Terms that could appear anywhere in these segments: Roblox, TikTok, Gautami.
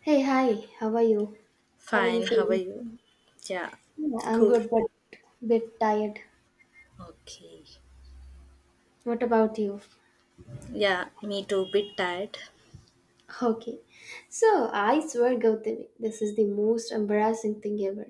Hey, hi. How are you? How are you Fine, how are feeling? you? Yeah, Yeah, I'm cool. good, but bit tired. Okay. What about you? Yeah, me too, bit tired. Okay. So I swear, Gautami, this is the most embarrassing thing ever.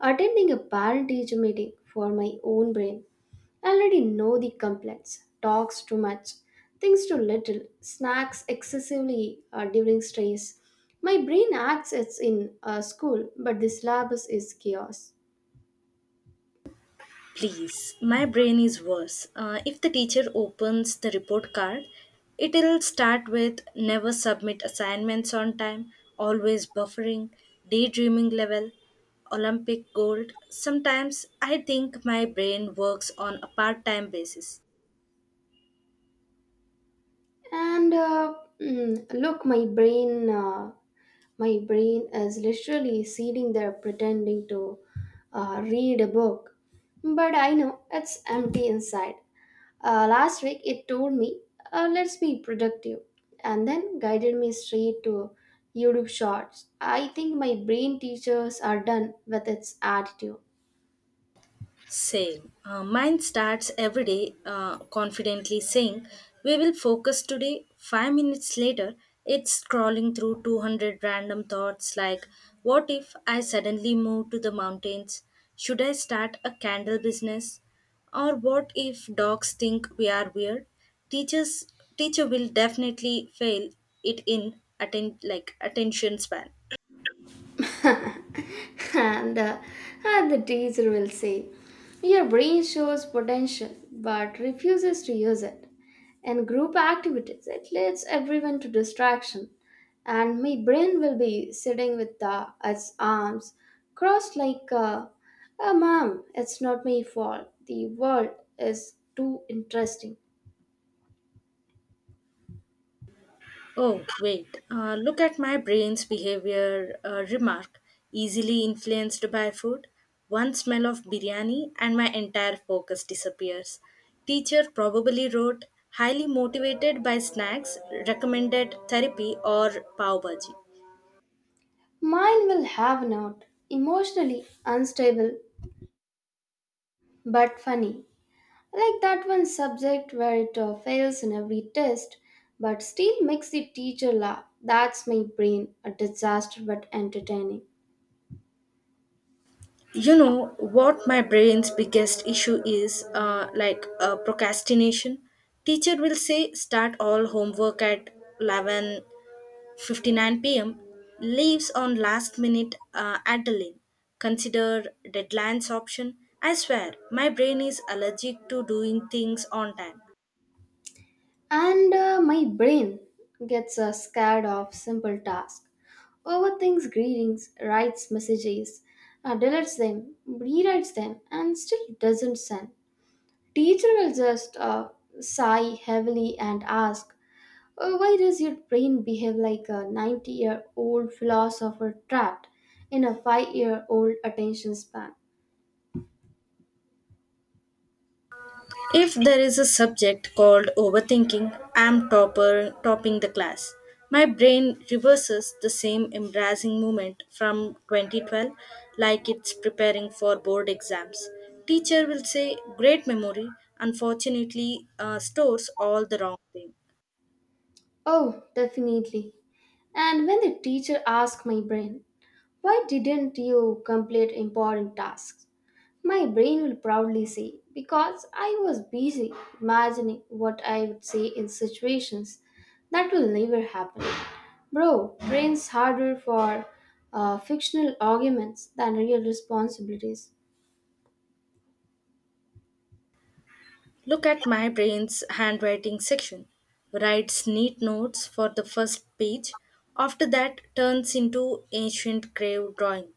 Attending a parent-teacher meeting for my own brain. I already know the complaints. Talks too much, thinks too little, snacks excessively during stress. My brain acts as in school, but the syllabus is chaos. Please, my brain is worse. If the teacher opens the report card, it'll start with never submit assignments on time, always buffering, daydreaming level, Olympic gold. Sometimes I think my brain works on a part time basis. And uh, Look, my brain is literally sitting there pretending to read a book, but I know it's empty inside. Last week, it told me, "Let's be productive," and then guided me straight to YouTube Shorts. I think my brain teachers are done with its attitude. Same. Mine starts every day confidently saying, "We will focus today." 5 minutes later, it's scrolling through 200 random thoughts like, "What if I suddenly move to the mountains? Should I start a candle business? Or what if dogs think we are weird?" Teachers, teacher will definitely fail it in attend like attention span. And and the teacher will say, your brain shows potential but refuses to use it. In group activities, it leads everyone to distraction, and my brain will be sitting with its arms crossed like a mom. It's not my fault. The world is too interesting. Oh, wait. Look at my brain's behavior remark, easily influenced by food. One smell of biryani and my entire focus disappears. Teacher probably wrote, highly motivated by snacks, recommended therapy or pav bhaji. Mine will have not emotionally unstable but funny. Like that one subject where it fails in every test but still makes the teacher laugh. That's my brain, a disaster but entertaining. You know what my brain's biggest issue is, like procrastination. Teacher will say, start all homework at 11:59 p.m., leaves on last minute Adeline. Consider deadlines option. I swear, my brain is allergic to doing things on time. And My brain gets scared of simple tasks, overthinks greetings, writes messages, deletes them, rewrites them, and still doesn't send. Teacher will just sigh heavily and ask, why does your brain behave like a 90-year-old philosopher trapped in a 5-year-old attention span? If there is a subject called overthinking, I'm topper topping the class. My brain reverses the same embarrassing moment from 2012 like it's preparing for board exams. Teacher will say great memory, unfortunately stores all the wrong things. Oh, definitely. And when the teacher asks my brain, why didn't you complete important tasks? My brain will proudly say, because I was busy imagining what I would say in situations that will never happen. Bro, brain's harder for fictional arguments than real responsibilities. Look at my brain's handwriting section. Writes neat notes for the first page. After that, turns into ancient grave drawing.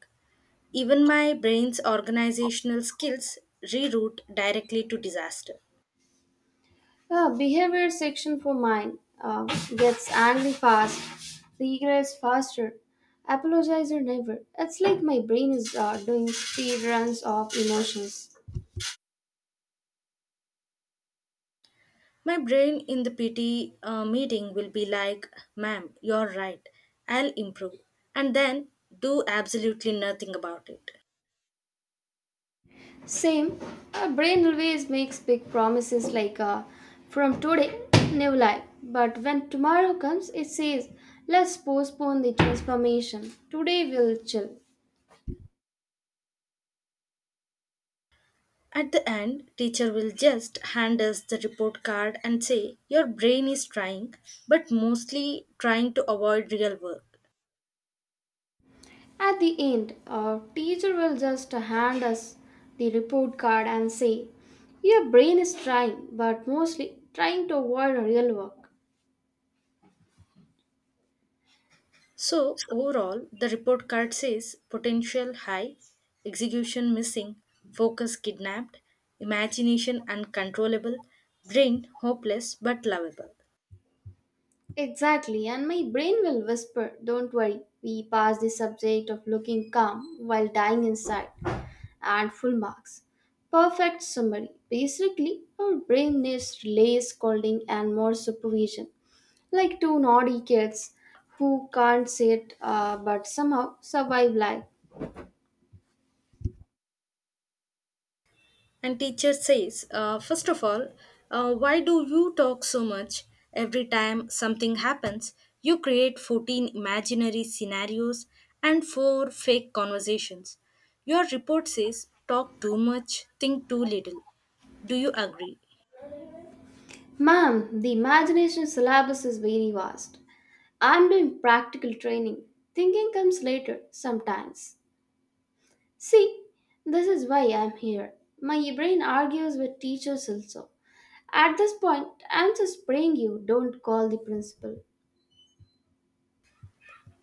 Even my brain's organizational skills reroute directly to disaster. Behavior section for mine gets angry fast, regrets faster, apologizer never. It's like my brain is doing speed runs of emotions. My brain in the PT meeting will be like, "Ma'am, you're right. I'll improve." And then do absolutely nothing about it. Same, our brain always makes big promises like from today, new life. But when tomorrow comes, it says, let's postpone the transformation. Today we'll chill. At the end, teacher will just hand us the report card and say, "Your brain is trying, but mostly trying to avoid real work." At the end, our teacher will just hand us the report card and say, your brain is trying, but mostly trying to avoid real work. So, overall, the report card says potential high, execution missing, focus kidnapped, imagination uncontrollable, brain hopeless but lovable. Exactly, and my brain will whisper, don't worry, we passed the subject of looking calm while dying inside, and full marks. Perfect summary. Basically, our brain needs less scolding and more supervision, like two naughty kids who can't sit but somehow survive life. And teacher says, first of all, why do you talk so much? Every time something happens, you create 14 imaginary scenarios and 4 fake conversations. Your report says, talk too much, think too little. Do you agree? Ma'am, the imagination syllabus is very vast. I'm doing practical training. Thinking comes later, sometimes. See, this is why I'm here. My brain argues with teachers also. At this point, I'm just praying you don't call the principal.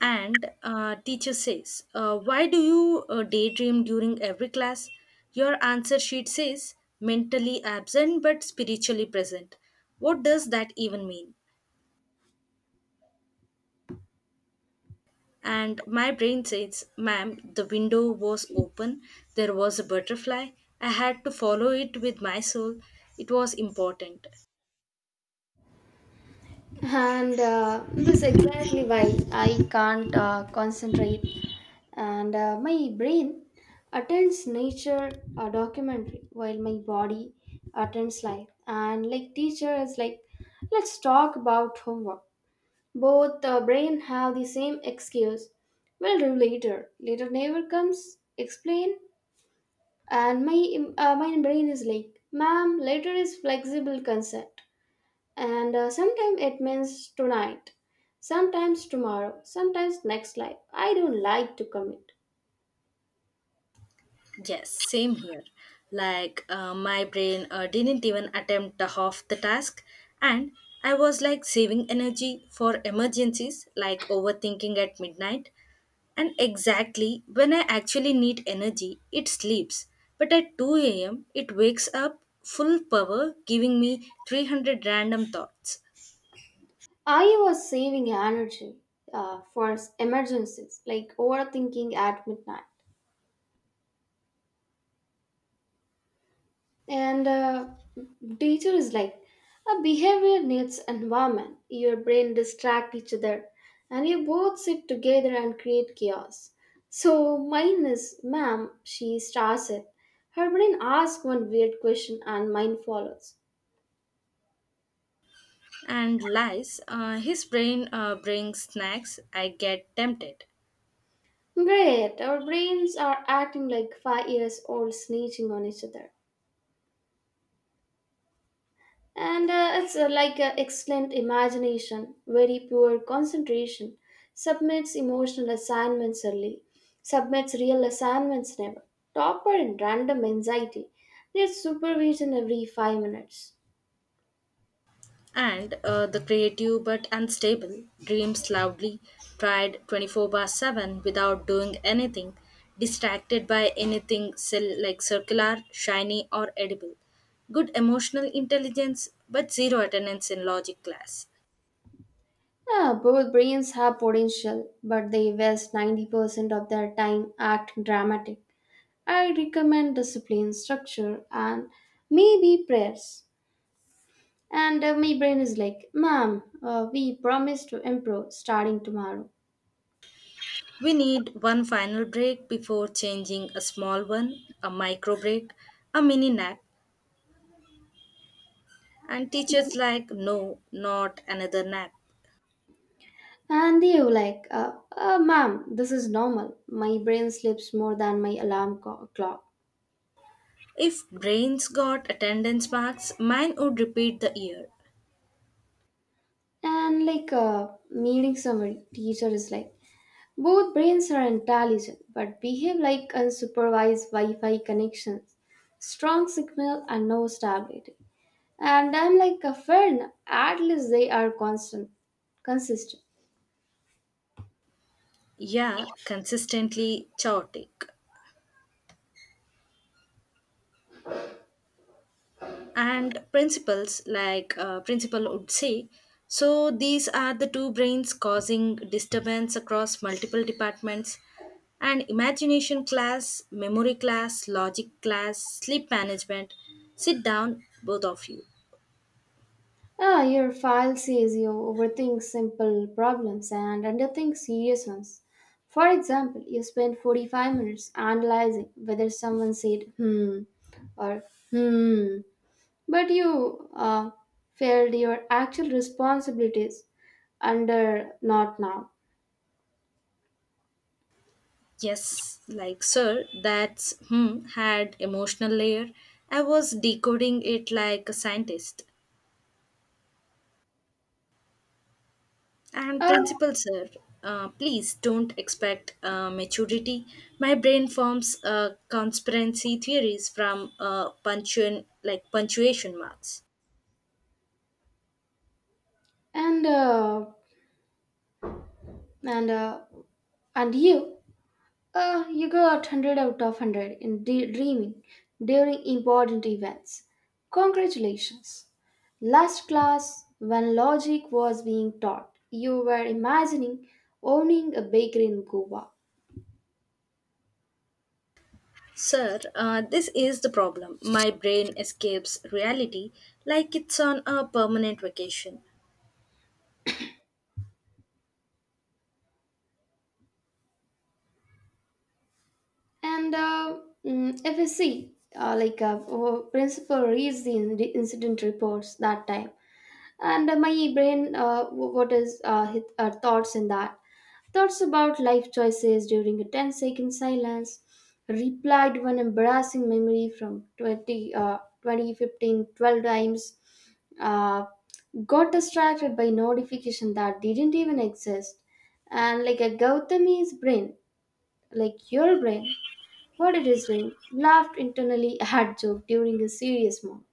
And teacher says, why do you daydream during every class? Your answer sheet says, mentally absent but spiritually present. What does that even mean? And my brain says, "Ma'am, the window was open, there was a butterfly. I had to follow it with my soul. It was important." And This is exactly why I can't concentrate, and my brain attends nature documentary while my body attends life. And like, teacher is like, let's talk about homework. Both brain have the same excuse, we'll do later, later never comes, explain. And my brain is like, ma'am, later is flexible consent, and sometimes it means tonight, sometimes tomorrow, sometimes next life, I don't like to commit. Yes, same here. Like, my brain didn't even attempt the half the task, and I was like saving energy for emergencies, like overthinking at midnight. And exactly when I actually need energy, it sleeps. But at 2 a.m., it wakes up full power, giving me 300 random thoughts I was saving energy for emergencies like overthinking at midnight. And Teacher is like, a behavior needs environment, your brain distract each other, and you both sit together and create chaos. So mine is, ma'am, she starts it, her brain asks one weird question and mine follows. and lies. His brain brings snacks. I get tempted. Great, our brains are acting like 5 years old snitching on each other. And it's like excellent imagination, very poor concentration, submits emotional assignments early, submits real assignments never, topper in random anxiety, needs supervision every 5 minutes. And the creative but unstable dreams loudly, tried 24/7 without doing anything, distracted by anything cell like circular, shiny, or edible. Good emotional intelligence, but zero attendance in logic class. Ah, both brains have potential, but they waste 90% of their time acting dramatic. I recommend discipline, structure, and maybe prayers. And My brain is like, "Mom, we promised to improve starting tomorrow." We need one final break before changing a small one, a micro break, a mini nap, and teachers like, no, not another nap. And you like, ma'am, this is normal. My brain sleeps more than my alarm clock. If brains got attendance marks, mine would repeat the year. And like, meeting summary, teacher is like, both brains are intelligent but behave like unsupervised Wi-Fi connections, strong signal and no stability. And I'm like, a friend, at least they are consistent. Yeah, consistently chaotic, and principles like principal would say, so these are the two brains causing disturbance across multiple departments and imagination class, memory class, logic class, sleep management. Sit down, both of you. Ah, your file says you overthink simple problems and underthink serious ones. For example, you spend 45 minutes analyzing whether someone said hmm or hmm, but you failed your actual responsibilities under not now. Yes, like sir, that's hmm had emotional layer. I was decoding it like a scientist. And Oh, principal sir, please don't expect maturity. My brain forms conspiracy theories from punctuation, like punctuation marks. and uh, and uh, and you. You got 100 out of 100 in dreaming during important events. Congratulations. Last class, when logic was being taught, you were imagining owning a bakery in Goa. Sir, this is the problem. My brain escapes reality like it's on a permanent vacation. And uh, if you see, our principal reads the incident reports that time. And my brain w- What is his, thoughts in that, thoughts about life choices during a ten-second silence, replied one embarrassing memory from 2015 12 times, uh, got distracted by notification that didn't even exist. And like, a Gautami's brain, like your brain, what it is doing, laughed internally at joke during a serious moment.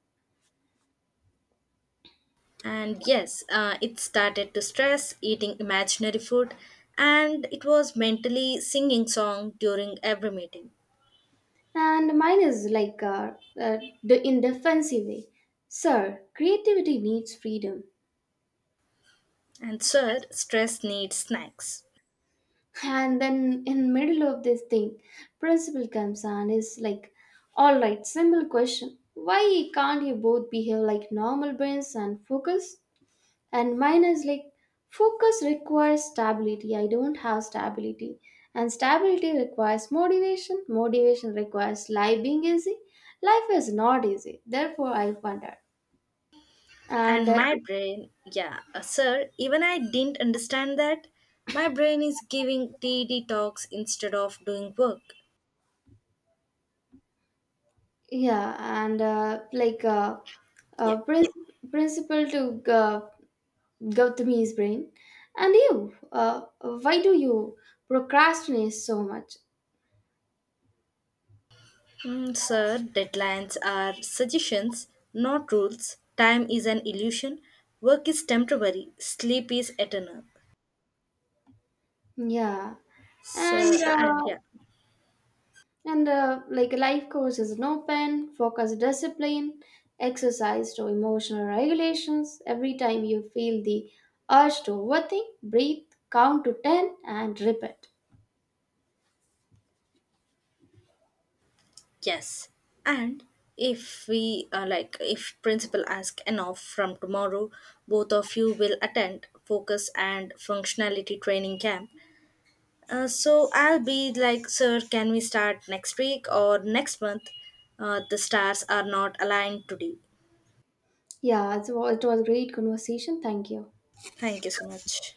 And yes, it started to stress eating imaginary food, and it was mentally singing song during every meeting. And mine is like, the in defensive way. Sir, creativity needs freedom. And sir, stress needs snacks. And then in middle of this thing, principal comes and is like, all right, simple question. Why can't you both behave like normal brains and focus? And mine is like, focus requires stability. I don't have stability. And stability requires motivation. Motivation requires life being easy. Life is not easy. Therefore, I wonder. And And my brain, yeah, sir, even I didn't understand that. My brain is giving tea detox instead of doing work. Yeah. and uh, like uh, Yeah. uh, prin- Principal to Gautami's brain, and you, why do you procrastinate so much? Mm, sir, deadlines are suggestions, not rules. Time is an illusion. Work is temporary. Sleep is eternal. Yeah, and Sir, and uh, yeah, and like life course is an open focus discipline exercise to emotional regulations. Every time you feel the urge to overthink, breathe, count to 10 and repeat. yes. And if we like, if principal ask enough from tomorrow, both of you will attend focus and functionality training camp. So I'll be like, sir, can we start next week or next month? The stars are not aligned today. Yeah, it was a great conversation, thank you. Thank you so much.